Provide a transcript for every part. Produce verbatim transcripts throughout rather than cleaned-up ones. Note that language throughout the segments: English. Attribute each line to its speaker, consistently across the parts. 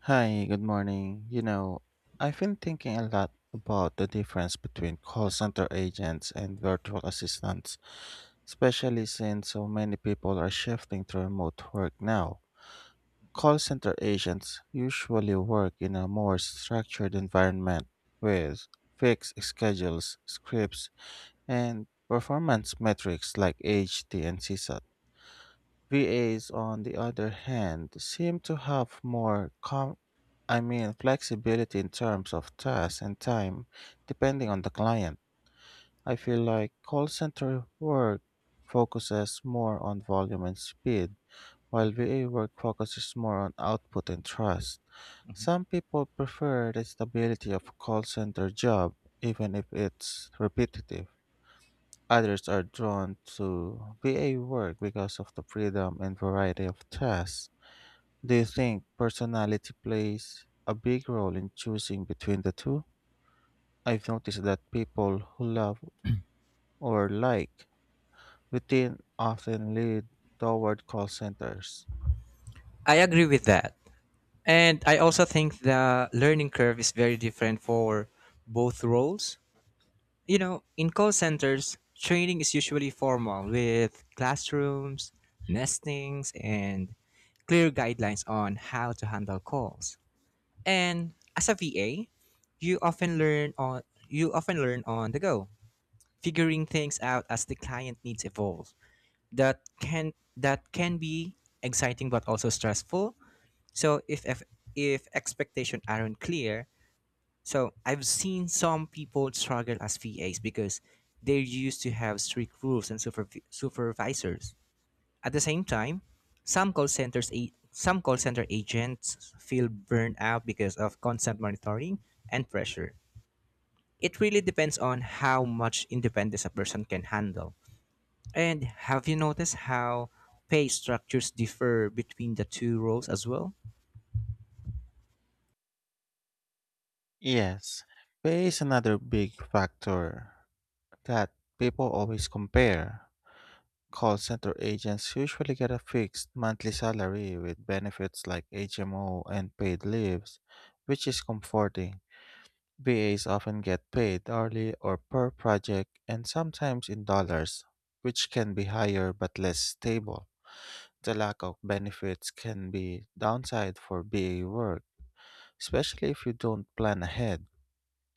Speaker 1: Hi, good morning. You know, I've been thinking a lot about the difference between call center agents and virtual assistants, especially since so many people are shifting to remote work now. Call center agents usually work in a more structured environment with fixed schedules, scripts, and performance metrics like H T and CSAT. V As, on the other hand, seem to have more com- I mean flexibility in terms of tasks and time, depending on the client. I feel like call center work focuses more on volume and speed, while V A work focuses more on output and trust.
Speaker 2: Mhm.
Speaker 1: Some people prefer the stability of a call center job, even if it's repetitive. Others are drawn to V A work because of the freedom and variety of tasks. Do you think personality plays a big role in choosing between the two? I've noticed that people who love or like routine often lead toward call centers.
Speaker 2: I agree with that. And I also think the learning curve is very different for both roles. You know, in call centers, training is usually formal with classrooms, nestings, and clear guidelines on how to handle calls. And as a V A, you often learn on you often learn on the go, figuring things out as the client needs evolve. That can that can be exciting but also stressful. So if if, if expectations aren't clear, so I've seen some people struggle as V As because they're used to have strict rules and supervi- supervisors. At the same time, some call centers a- some call center agents feel burned out because of constant monitoring and pressure. It really depends on how much independence a person can handle. And have you noticed how pay structures differ between the two roles as well?
Speaker 1: Yes, pay is another big factor that people always compare. Call center agents usually get a fixed monthly salary with benefits like H M O and paid leaves, which is comforting. V As often get paid hourly or per project and sometimes in dollars, which can be higher but less stable. The lack of benefits can be downside for B A work, especially if you don't plan ahead.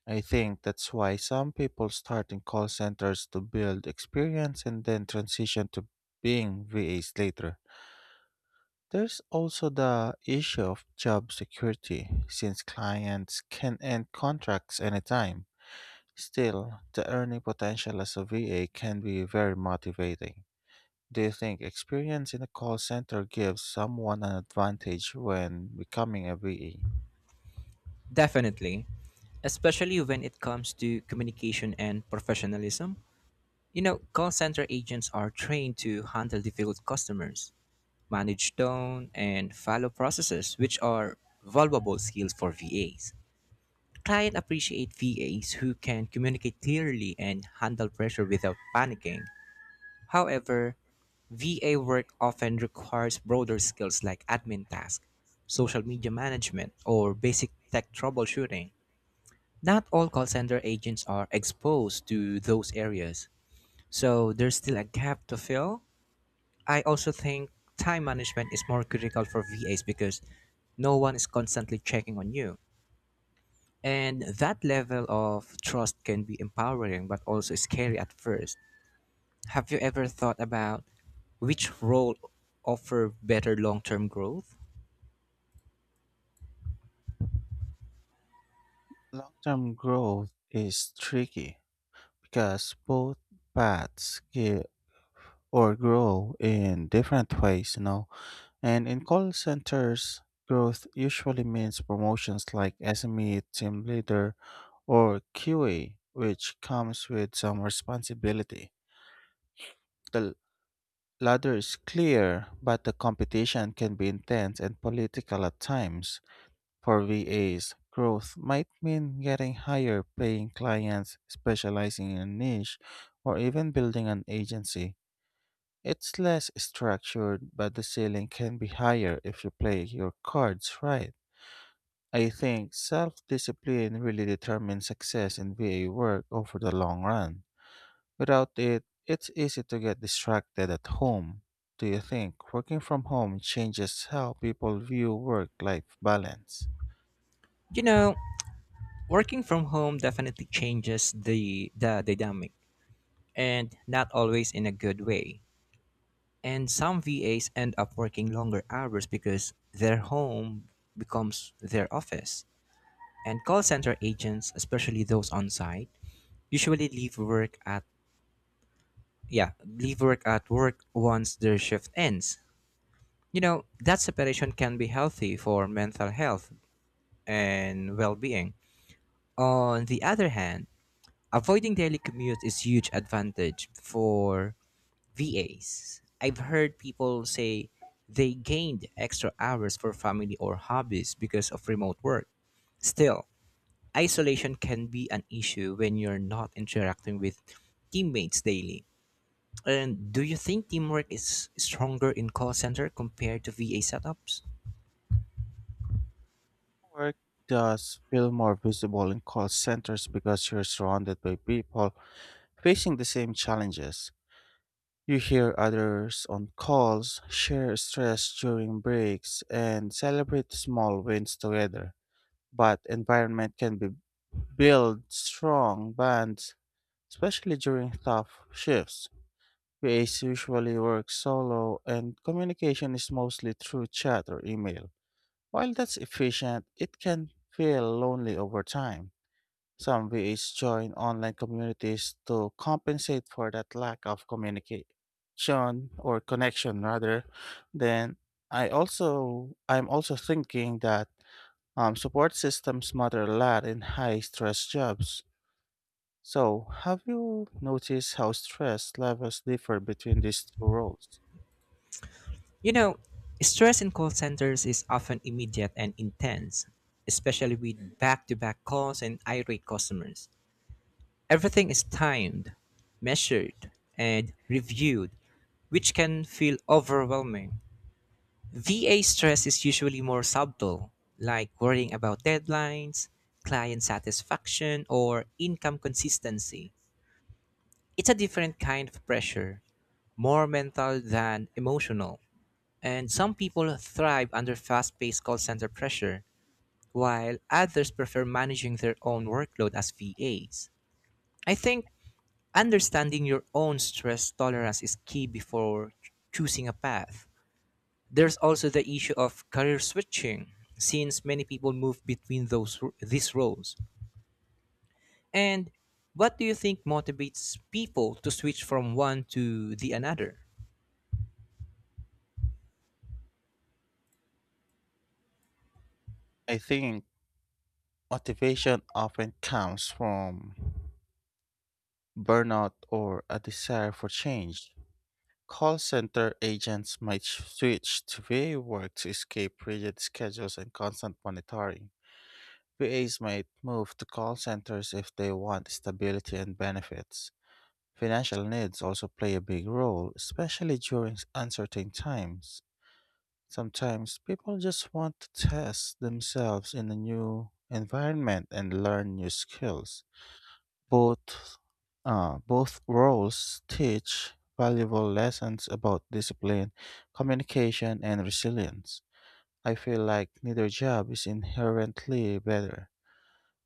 Speaker 1: I think that's why some people start in call centers to build experience and then transition to being V As later. There's also the issue of job security, since clients can end contracts anytime. Still, the earning potential as a V A can be very motivating. Do you think experience in a call center gives someone an advantage when becoming a V A?
Speaker 2: Definitely, especially when it comes to communication and professionalism. You know, call center agents are trained to handle difficult customers, manage tone, and follow processes, which are valuable skills for V As. Clients appreciate V As who can communicate clearly and handle pressure without panicking. However, V A work often requires broader skills like admin tasks, social media management, or basic tech troubleshooting. Not all call center agents are exposed to those areas, so there's still a gap to fill. I also think time management is more critical for V As because no one is constantly checking on you. And that level of trust can be empowering but also scary at first. Have you ever thought about which role offer better long-term growth?
Speaker 1: Long term growth is tricky because both paths give or grow in different ways, you know. And in call centers, growth usually means promotions like S M E, team leader, or Q A, which comes with some responsibility. The ladder is clear, but the competition can be intense and political at times. For V As, growth might mean getting higher paying clients, specializing in a niche, or even building an agency. It's less structured, but the ceiling can be higher if you play your cards right. I think self discipline really determines success in V A work over the long run. Without it, it's easy to get distracted at home. Do you think working from home changes how people view work life balance?
Speaker 2: You know, working from home definitely changes the the dynamic, and not always in a good way. And some V As end up working longer hours because their home becomes their office. And call center agents, especially those on site, usually leave work at, yeah, leave work at work once their shift ends. You know, that separation can be healthy for mental health and well-being. On the other hand, avoiding daily commute is huge advantage for V As. I've heard people say they gained extra hours for family or hobbies because of remote work. Still, isolation can be an issue when you're not interacting with teammates daily. And do you think teamwork is stronger in call center compared to V A setups?
Speaker 1: Work does feel more visible in call centers because you're surrounded by people facing the same challenges. You hear others on calls, share stress during breaks, and celebrate small wins together. But environment can be build strong bonds, especially during tough shifts. V As usually work solo, and communication is mostly through chat or email. While that's efficient, it can feel lonely over time. Some V As join online communities to compensate for that lack of communication or connection, rather. Then I also I'm also thinking that um, support systems matter a lot in high stress jobs. So, have you noticed how stress levels differ between these two roles?
Speaker 2: You know, stress in call centers is often immediate and intense, especially with back-to-back calls and irate customers. Everything is timed, measured, and reviewed, which can feel overwhelming. V A stress is usually more subtle, like worrying about deadlines, client satisfaction, or income consistency. It's a different kind of pressure, more mental than emotional. And some people thrive under fast paced call center pressure, while others prefer managing their own workload as V As. I think understanding your own stress tolerance is key before ch- choosing a path. There's also the issue of career switching, since many people move between those these roles. And what do you think motivates people to switch from one to the another?
Speaker 1: I think motivation often comes from burnout or a desire for change. Call center agents might sh- switch to V A work to escape rigid schedules and constant monitoring. V As might move to call centers if they want stability and benefits. Financial needs also play a big role, especially during s- uncertain times. Sometimes people just want to test themselves in a new environment and learn new skills. Both uh, both roles teach valuable lessons about discipline, communication, and resilience. I feel like neither job is inherently better.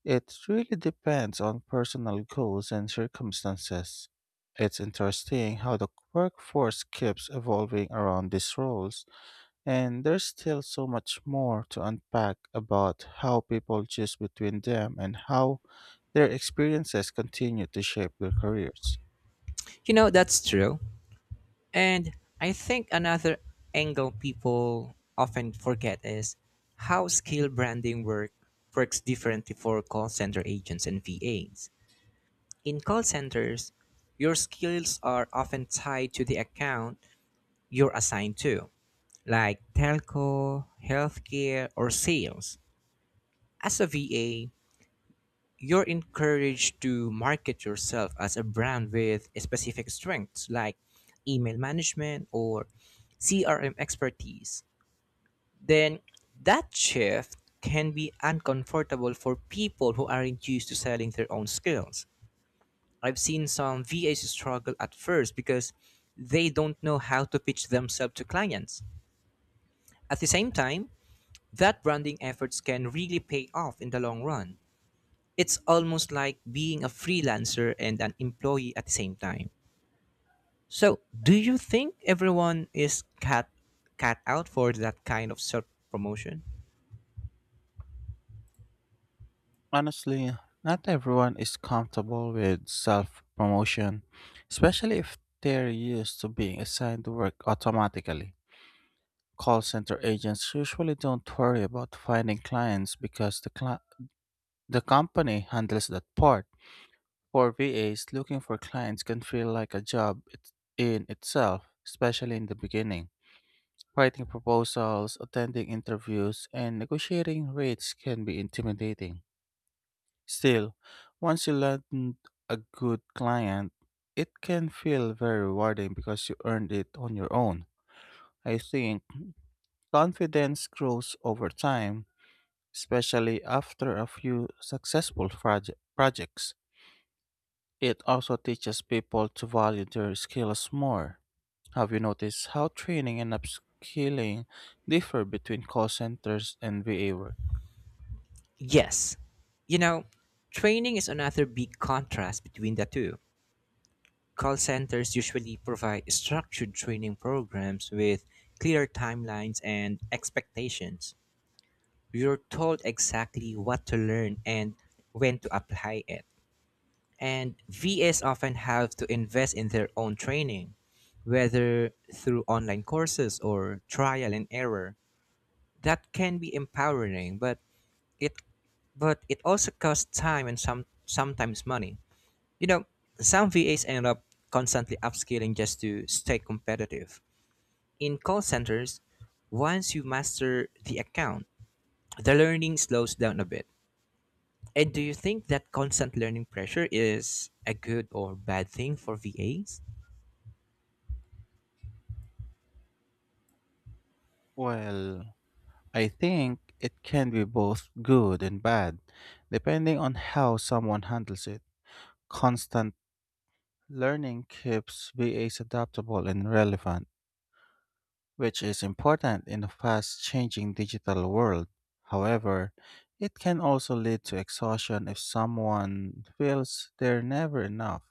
Speaker 1: It really depends on personal goals and circumstances. It's interesting how the workforce keeps evolving around these roles, and there's still so much more to unpack about how people choose between them and how their experiences continue to shape their careers.
Speaker 2: You know, that's true. And I think another angle people often forget is how skill branding work works differently for call center agents and V As. In call centers, your skills are often tied to the account you're assigned to, like telco, healthcare, or sales. As a V A, you're encouraged to market yourself as a brand with specific strengths like email management or C R M expertise. Then that shift can be uncomfortable for people who aren't used to selling their own skills. I've seen some V As struggle at first because they don't know how to pitch themselves to clients. At the same time, that branding efforts can really pay off in the long run. It's almost like being a freelancer and an employee at the same time. So, do you think everyone is cat cat out for that kind of self promotion?
Speaker 1: Honestly, not everyone is comfortable with self promotion, especially if they're used to being assigned to work automatically. Call center agents usually don't worry about finding clients because the, cli- the company handles that part. For V As, looking for clients can feel like a job it- in itself, especially in the beginning. Writing proposals, attending interviews, and negotiating rates can be intimidating. Still, once you land a good client, it can feel very rewarding because you earned it on your own. I think confidence grows over time, especially after a few successful proje- projects. It also teaches people to value their skills more. Have you noticed how training and upskilling differ between call centers and V A work?
Speaker 2: Yes. You know, training is another big contrast between the two. Call centers usually provide structured training programs with clear timelines and expectations. You're told exactly what to learn and when to apply it. And V As often have to invest in their own training, whether through online courses or trial and error. That can be empowering, but it but it also costs time and some sometimes money. You know, some V As end up constantly upscaling just to stay competitive. In call centers, once you master the account, the learning slows down a bit. And do you think that constant learning pressure is a good or bad thing for V As?
Speaker 1: Well, I think it can be both good and bad, depending on how someone handles it. Constant learning keeps V As adaptable and relevant, which is important in a fast changing digital world. However, it can also lead to exhaustion if someone feels they're never enough.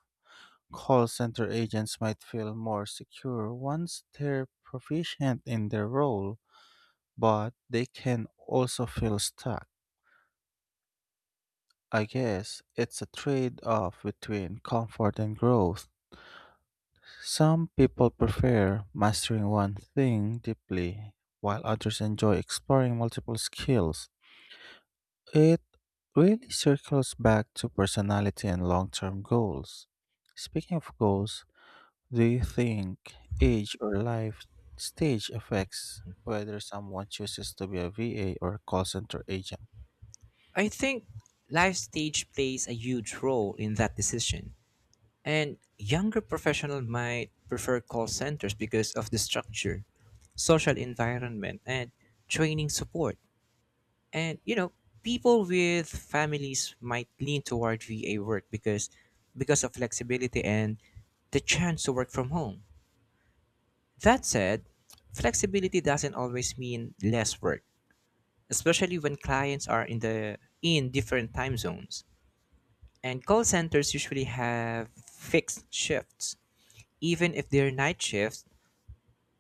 Speaker 1: Call center agents might feel more secure once they're proficient in their role, but they can also feel stuck. I guess it's a trade off between comfort and growth. Some people prefer mastering one thing deeply, while others enjoy exploring multiple skills. It really circles back to personality and long term goals. Speaking of goals, do you think age or life stage affects whether someone chooses to be a V A or call center agent?
Speaker 2: I think life stage plays a huge role in that decision. And younger professionals might prefer call centers because of the structure, social environment, and training support. And you know, people with families might lean toward V A work because because of flexibility and the chance to work from home. That said, flexibility doesn't always mean less work, especially when clients are in the in different time zones. And call centers usually have fixed shifts, even if they're night shifts,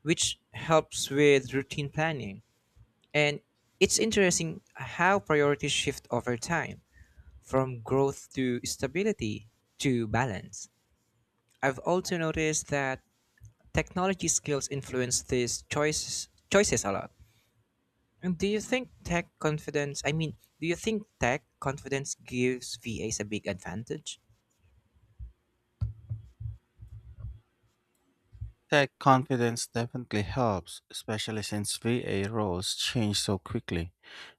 Speaker 2: which helps with routine planning. And it's interesting how priorities shift over time, from growth to stability to balance. I've also noticed that technology skills influence these choices choices a lot. And do you think tech confidence I mean, do you think tech confidence gives V As a big advantage?
Speaker 1: Tech confidence definitely helps, especially since V A roles change so quickly.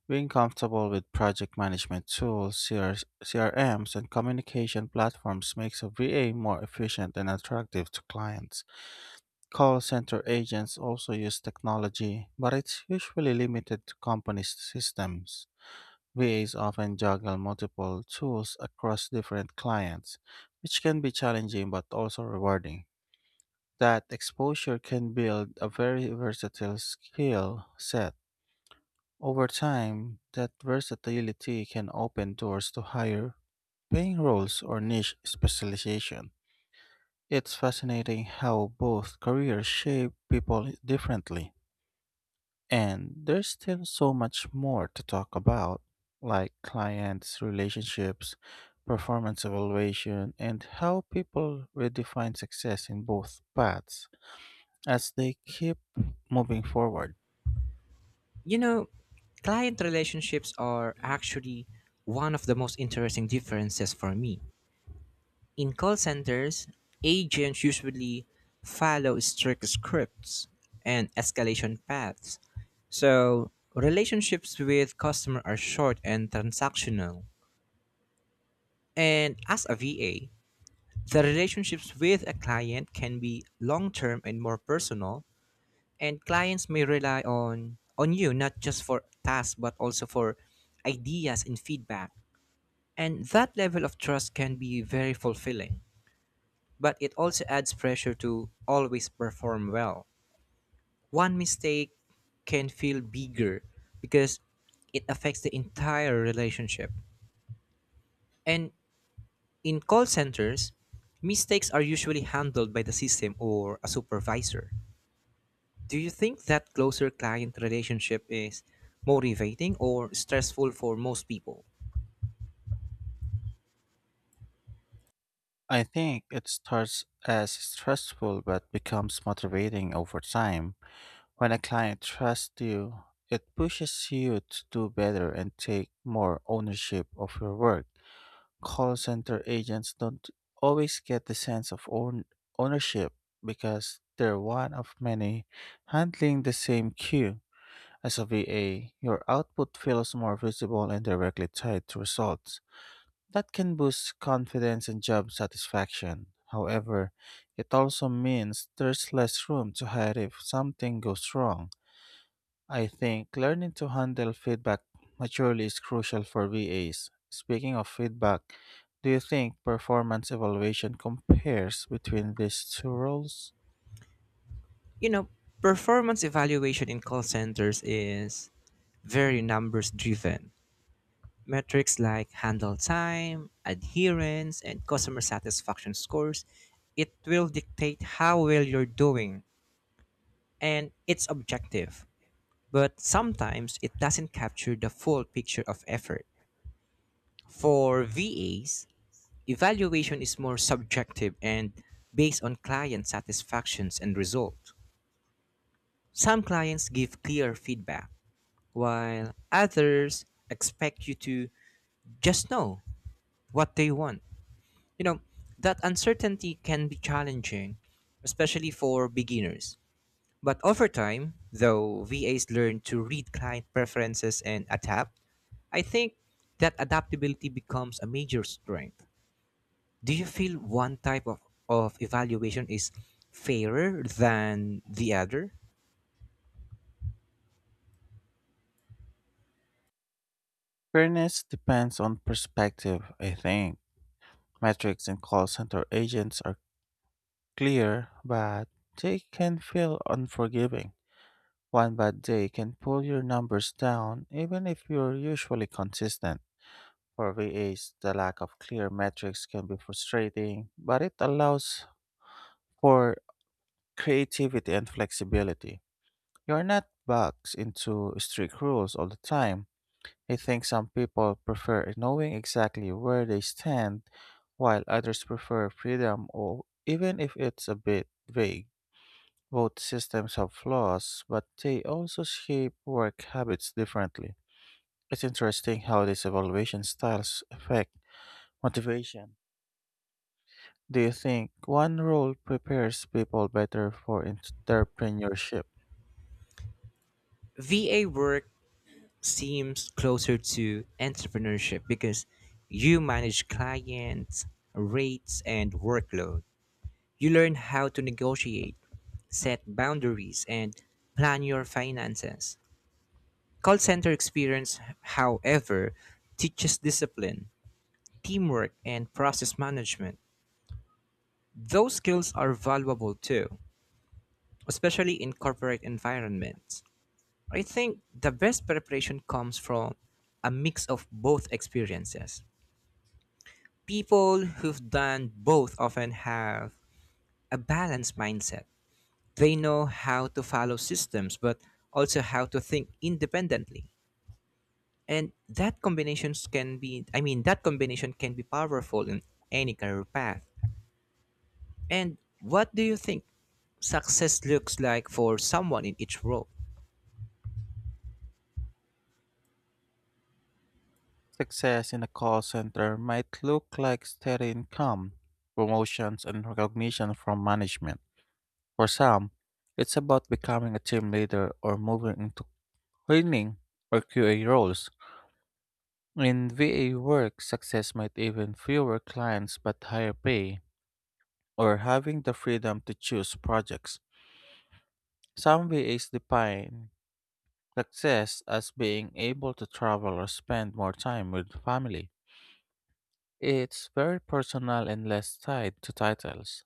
Speaker 1: Being comfortable with project management tools, C Rs C R Ms, and communication platforms makes a V A more efficient and attractive to clients. Call center agents also use technology, but it's usually limited to company systems. V As often juggle multiple tools across different clients, which can be challenging but also rewarding. That exposure can build a very versatile skill set. Over time, that versatility can open doors to higher paying roles or niche specialization. It's fascinating how both careers shape people differently. And there's still so much more to talk about, like clients, relationships, performance evaluation, and how people redefine success in both paths as they keep moving forward.
Speaker 2: You know, client relationships are actually one of the most interesting differences for me. In call centers, agents usually follow strict scripts and escalation paths. So, relationships with customer are short and transactional. And as a V A, the relationships with a client can be long-term and more personal, and clients may rely on on you not just for tasks but also for ideas and feedback. And that level of trust can be very fulfilling, but it also adds pressure to always perform well. One mistake can feel bigger because it affects the entire relationship. And in call centers, mistakes are usually handled by the system or a supervisor. Do you think that closer client relationship is motivating or stressful for most people?
Speaker 1: I think it starts as stressful but becomes motivating over time. When a client trusts you, it pushes you to do better and take more ownership of your work. Call center agents don't always get the sense of own ownership because they're one of many handling the same queue. As a V A, your output feels more visible and directly tied to results. That can boost confidence and job satisfaction. However, it also means there's less room to hide if something goes wrong. I think learning to handle feedback maturely is crucial for V As. Speaking of feedback, do you think performance evaluation compares between these two roles?
Speaker 2: You know, performance evaluation in call centers is very numbers driven. Metrics like handle time, adherence, and customer satisfaction scores, it will dictate how well you're doing, and it's objective. But sometimes it doesn't capture the full picture of effort. For V As, evaluation is more subjective and based on client satisfactions and result. Some clients give clear feedback, while others expect you to just know what they want. You know, that uncertainty can be challenging, especially for beginners. But over time, though, V As learn to read client preferences and adapt. I think that adaptability becomes a major strength. Do you feel one type of, of evaluation is fairer than the other?
Speaker 1: Fairness depends on perspective, I think. Metrics in call center agents are clear, but they can feel unforgiving. One bad day can pull your numbers down, even if you're usually consistent. For V As, the lack of clear metrics can be frustrating, but it allows for creativity and flexibility. You're not boxed into strict rules all the time. I think some people prefer knowing exactly where they stand, while others prefer freedom, or even if it's a bit vague. Both systems have flaws, but they also shape work habits differently. It's interesting how these evaluation styles affect motivation. Do you think one role prepares people better for entrepreneurship?
Speaker 2: V A work seems closer to entrepreneurship because you manage clients, rates, and workload. You learn how to negotiate, set boundaries, and plan your finances. Call center experience, however, teaches discipline, teamwork, and process management. Those skills are valuable too, especially in corporate environments. I think the best preparation comes from a mix of both experiences. People who've done both often have a balanced mindset. They know how to follow systems, but also how to think independently. And that combinations can be, I mean, that combination can be powerful in any career path. And what do you think success looks like for someone in each role?
Speaker 1: Success in a call center might look like steady income, promotions, and recognition from management. For some, it's about becoming a team leader or moving into training or Q A roles. In V A work, success might even fewer clients but higher pay or having the freedom to choose projects. Some V As define success as being able to travel or spend more time with family. It's very personal and less tied to titles.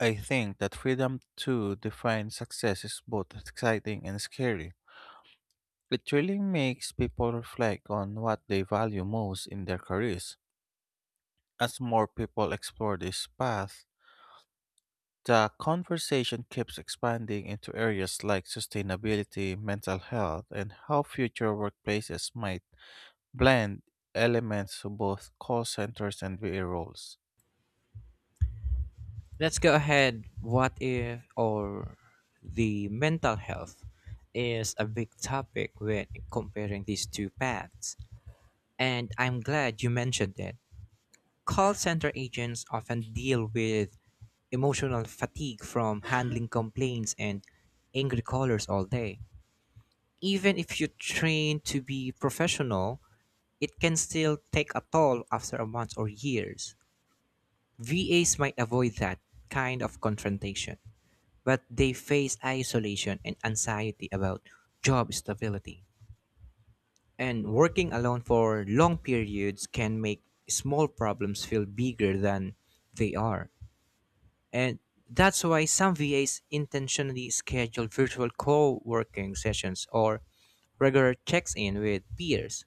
Speaker 1: I think that freedom to define success is both exciting and scary. It really makes people reflect on what they value most in their careers. As more people explore this path, the conversation keeps expanding into areas like sustainability, mental health, and how future workplaces might blend elements of both call centers and V A roles.
Speaker 2: Let's go ahead. What if, or The mental health is a big topic when comparing these two paths. And I'm glad you mentioned it. Call center agents often deal with emotional fatigue from handling complaints and angry callers all day. Even if you train to be professional, it can still take a toll after a month or years. V As might avoid that kind of confrontation, but they face isolation and anxiety about job stability. And working alone for long periods can make small problems feel bigger than they are. And that's why some V As intentionally schedule virtual co working sessions or regular checks in with peers.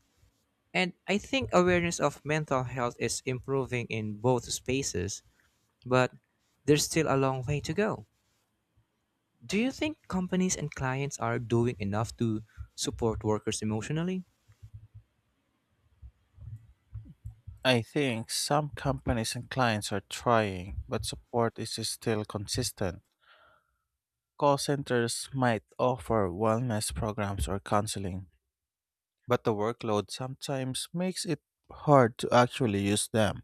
Speaker 2: And I think awareness of mental health is improving in both spaces, but there's still a long way to go. Do you think companies and clients are doing enough to support workers emotionally?
Speaker 1: I think some companies and clients are trying, but support is still consistent. Call centers might offer wellness programs or counseling, but the workload sometimes makes it hard to actually use them.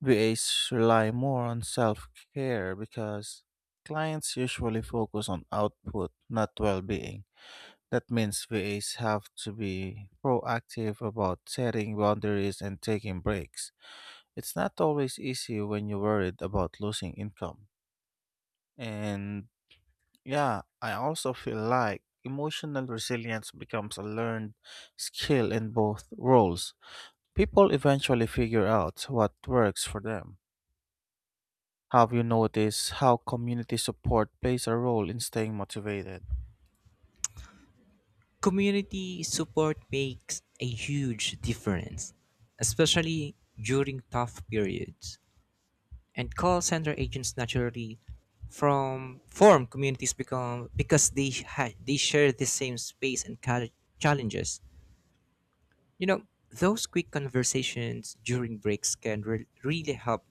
Speaker 1: V As rely more on self care because clients usually focus on output, not well being. That means V As have to be proactive about setting boundaries and taking breaks. It's not always easy when you're worried about losing income. And yeah, I also feel like emotional resilience becomes a learned skill in both roles. People eventually figure out what works for them. Have you noticed how community support plays a role in staying motivated?
Speaker 2: Community support makes a huge difference, especially during tough periods. And call center agents naturally from form communities become because they ha- they share the same space and cal- challenges. You know, those quick conversations during breaks can re- really help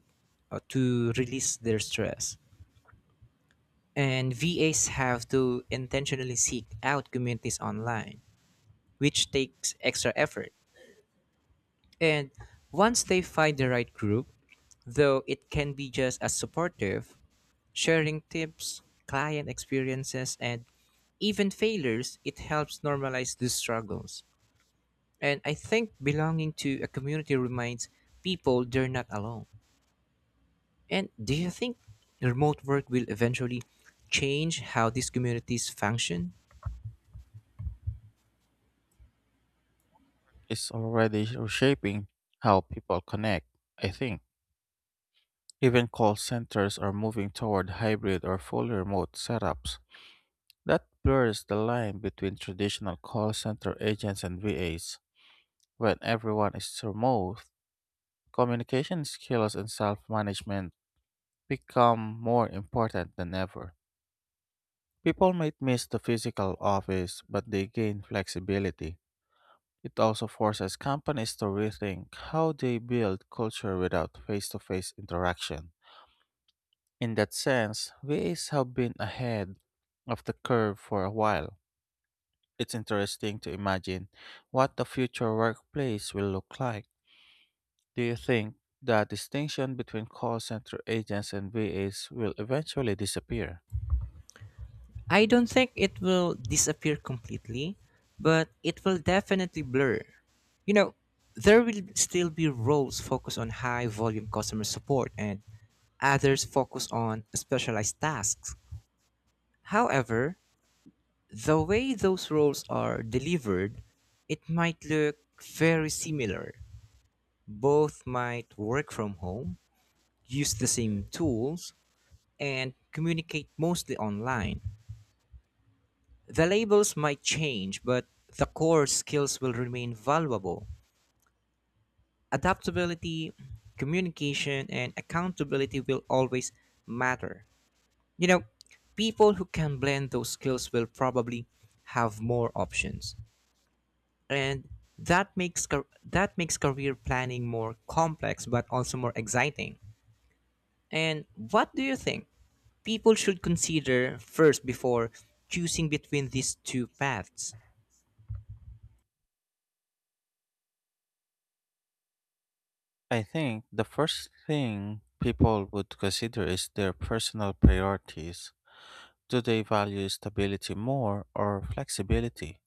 Speaker 2: uh, to release their stress. And V As have to intentionally seek out communities online, which takes extra effort. And once they find the right group, though, it can be just as supportive. Sharing tips, client experiences, and even failures, it helps normalize these struggles. And I think belonging to a community reminds people they're not alone. And do you think remote work will eventually change how these communities function?
Speaker 1: It's already reshaping how people connect, I think. Even call centers are moving toward hybrid or fully remote setups. That blurs the line between traditional call center agents and V As. When everyone is remote, communication skills and self management become more important than ever. People might miss the physical office, but they gain flexibility. It also forces companies to rethink how they build culture without face to face interaction. In that sense, V As have been ahead of the curve for a while. It's interesting to imagine what the future workplace will look like. Do you think the distinction between call center agents and V As will eventually disappear?
Speaker 2: I don't think it will disappear completely, but it will definitely blur. You know, there will still be roles focused on high volume customer support and others focused on specialized tasks. However, the way those roles are delivered, it might look very similar. Both might work from home, use the same tools, and communicate mostly online. The labels might change, but the core skills will remain valuable. Adaptability, communication, and accountability will always matter. You know, people who can blend those skills will probably have more options. And that makes car- that makes career planning more complex but also more exciting. And what do you think people should consider first before choosing between these two paths?
Speaker 1: I think the first thing people would consider is their personal priorities. Do they value stability more or flexibility?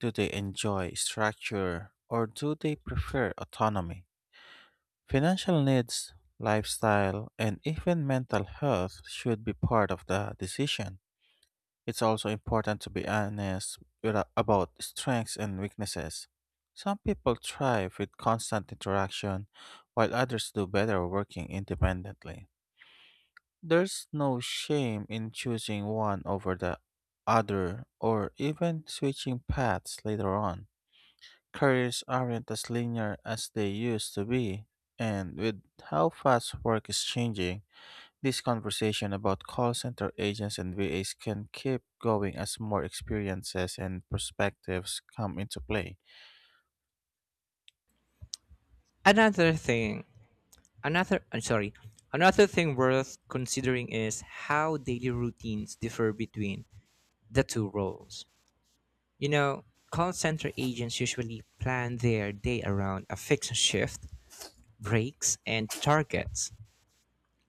Speaker 1: Do they enjoy structure or do they prefer autonomy? Financial needs, lifestyle, and even mental health should be part of the decision. It's also important to be honest with- about strengths and weaknesses. Some people thrive with constant interaction, while others do better working independently. There's no shame in choosing one over the other or even switching paths later on. Careers aren't as linear as they used to be, and with how fast work is changing, this conversation about call center agents and V As can keep going as more experiences and perspectives come into play.
Speaker 2: Another thing, Another, I'm sorry, Another thing worth considering is how daily routines differ between the two roles. You know, call center agents usually plan their day around a fixed shift, breaks, and targets.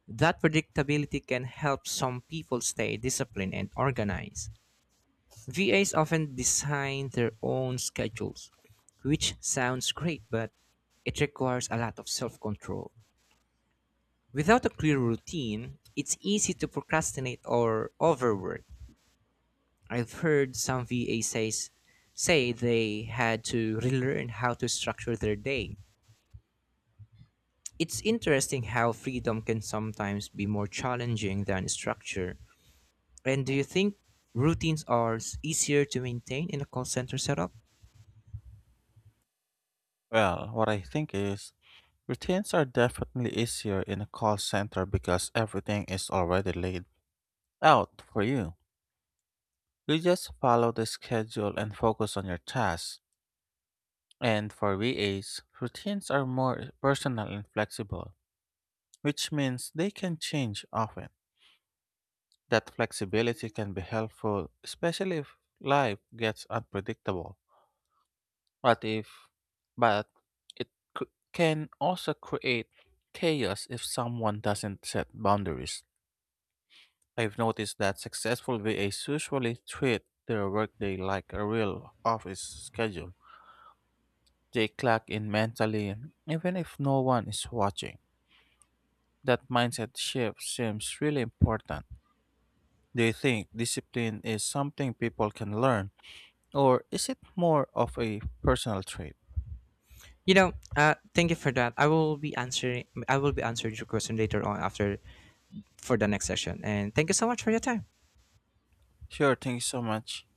Speaker 2: That predictability can help some people stay disciplined and organized. V As often design their own schedules, which sounds great, but it requires a lot of self control. Without a clear routine, it's easy to procrastinate or overwork. I've heard some V A says say they had to relearn how to structure their day. It's interesting how freedom can sometimes be more challenging than structure. And do you think routines are s- easier to maintain in a call center setup?
Speaker 1: Well, what I think is routines are definitely easier in a call center because everything is already laid out for you. You just follow the schedule and focus on your tasks. And for V As, routines are more personal and flexible, which means they can change often. That flexibility can be helpful, especially if life gets unpredictable. But if, but it c- can also create chaos if someone doesn't set boundaries. I've noticed that successful V As usually treat their workday like a real office schedule. They clock in mentally, even if no one is watching. That mindset shift seems really important. Do you think discipline is something people can learn, or is it more of a personal trait?
Speaker 2: You know, uh, thank you for that. I will be answering. I will be answering your question later on after for the next session. And thank you so much for your time.
Speaker 1: Sure, thank you so much.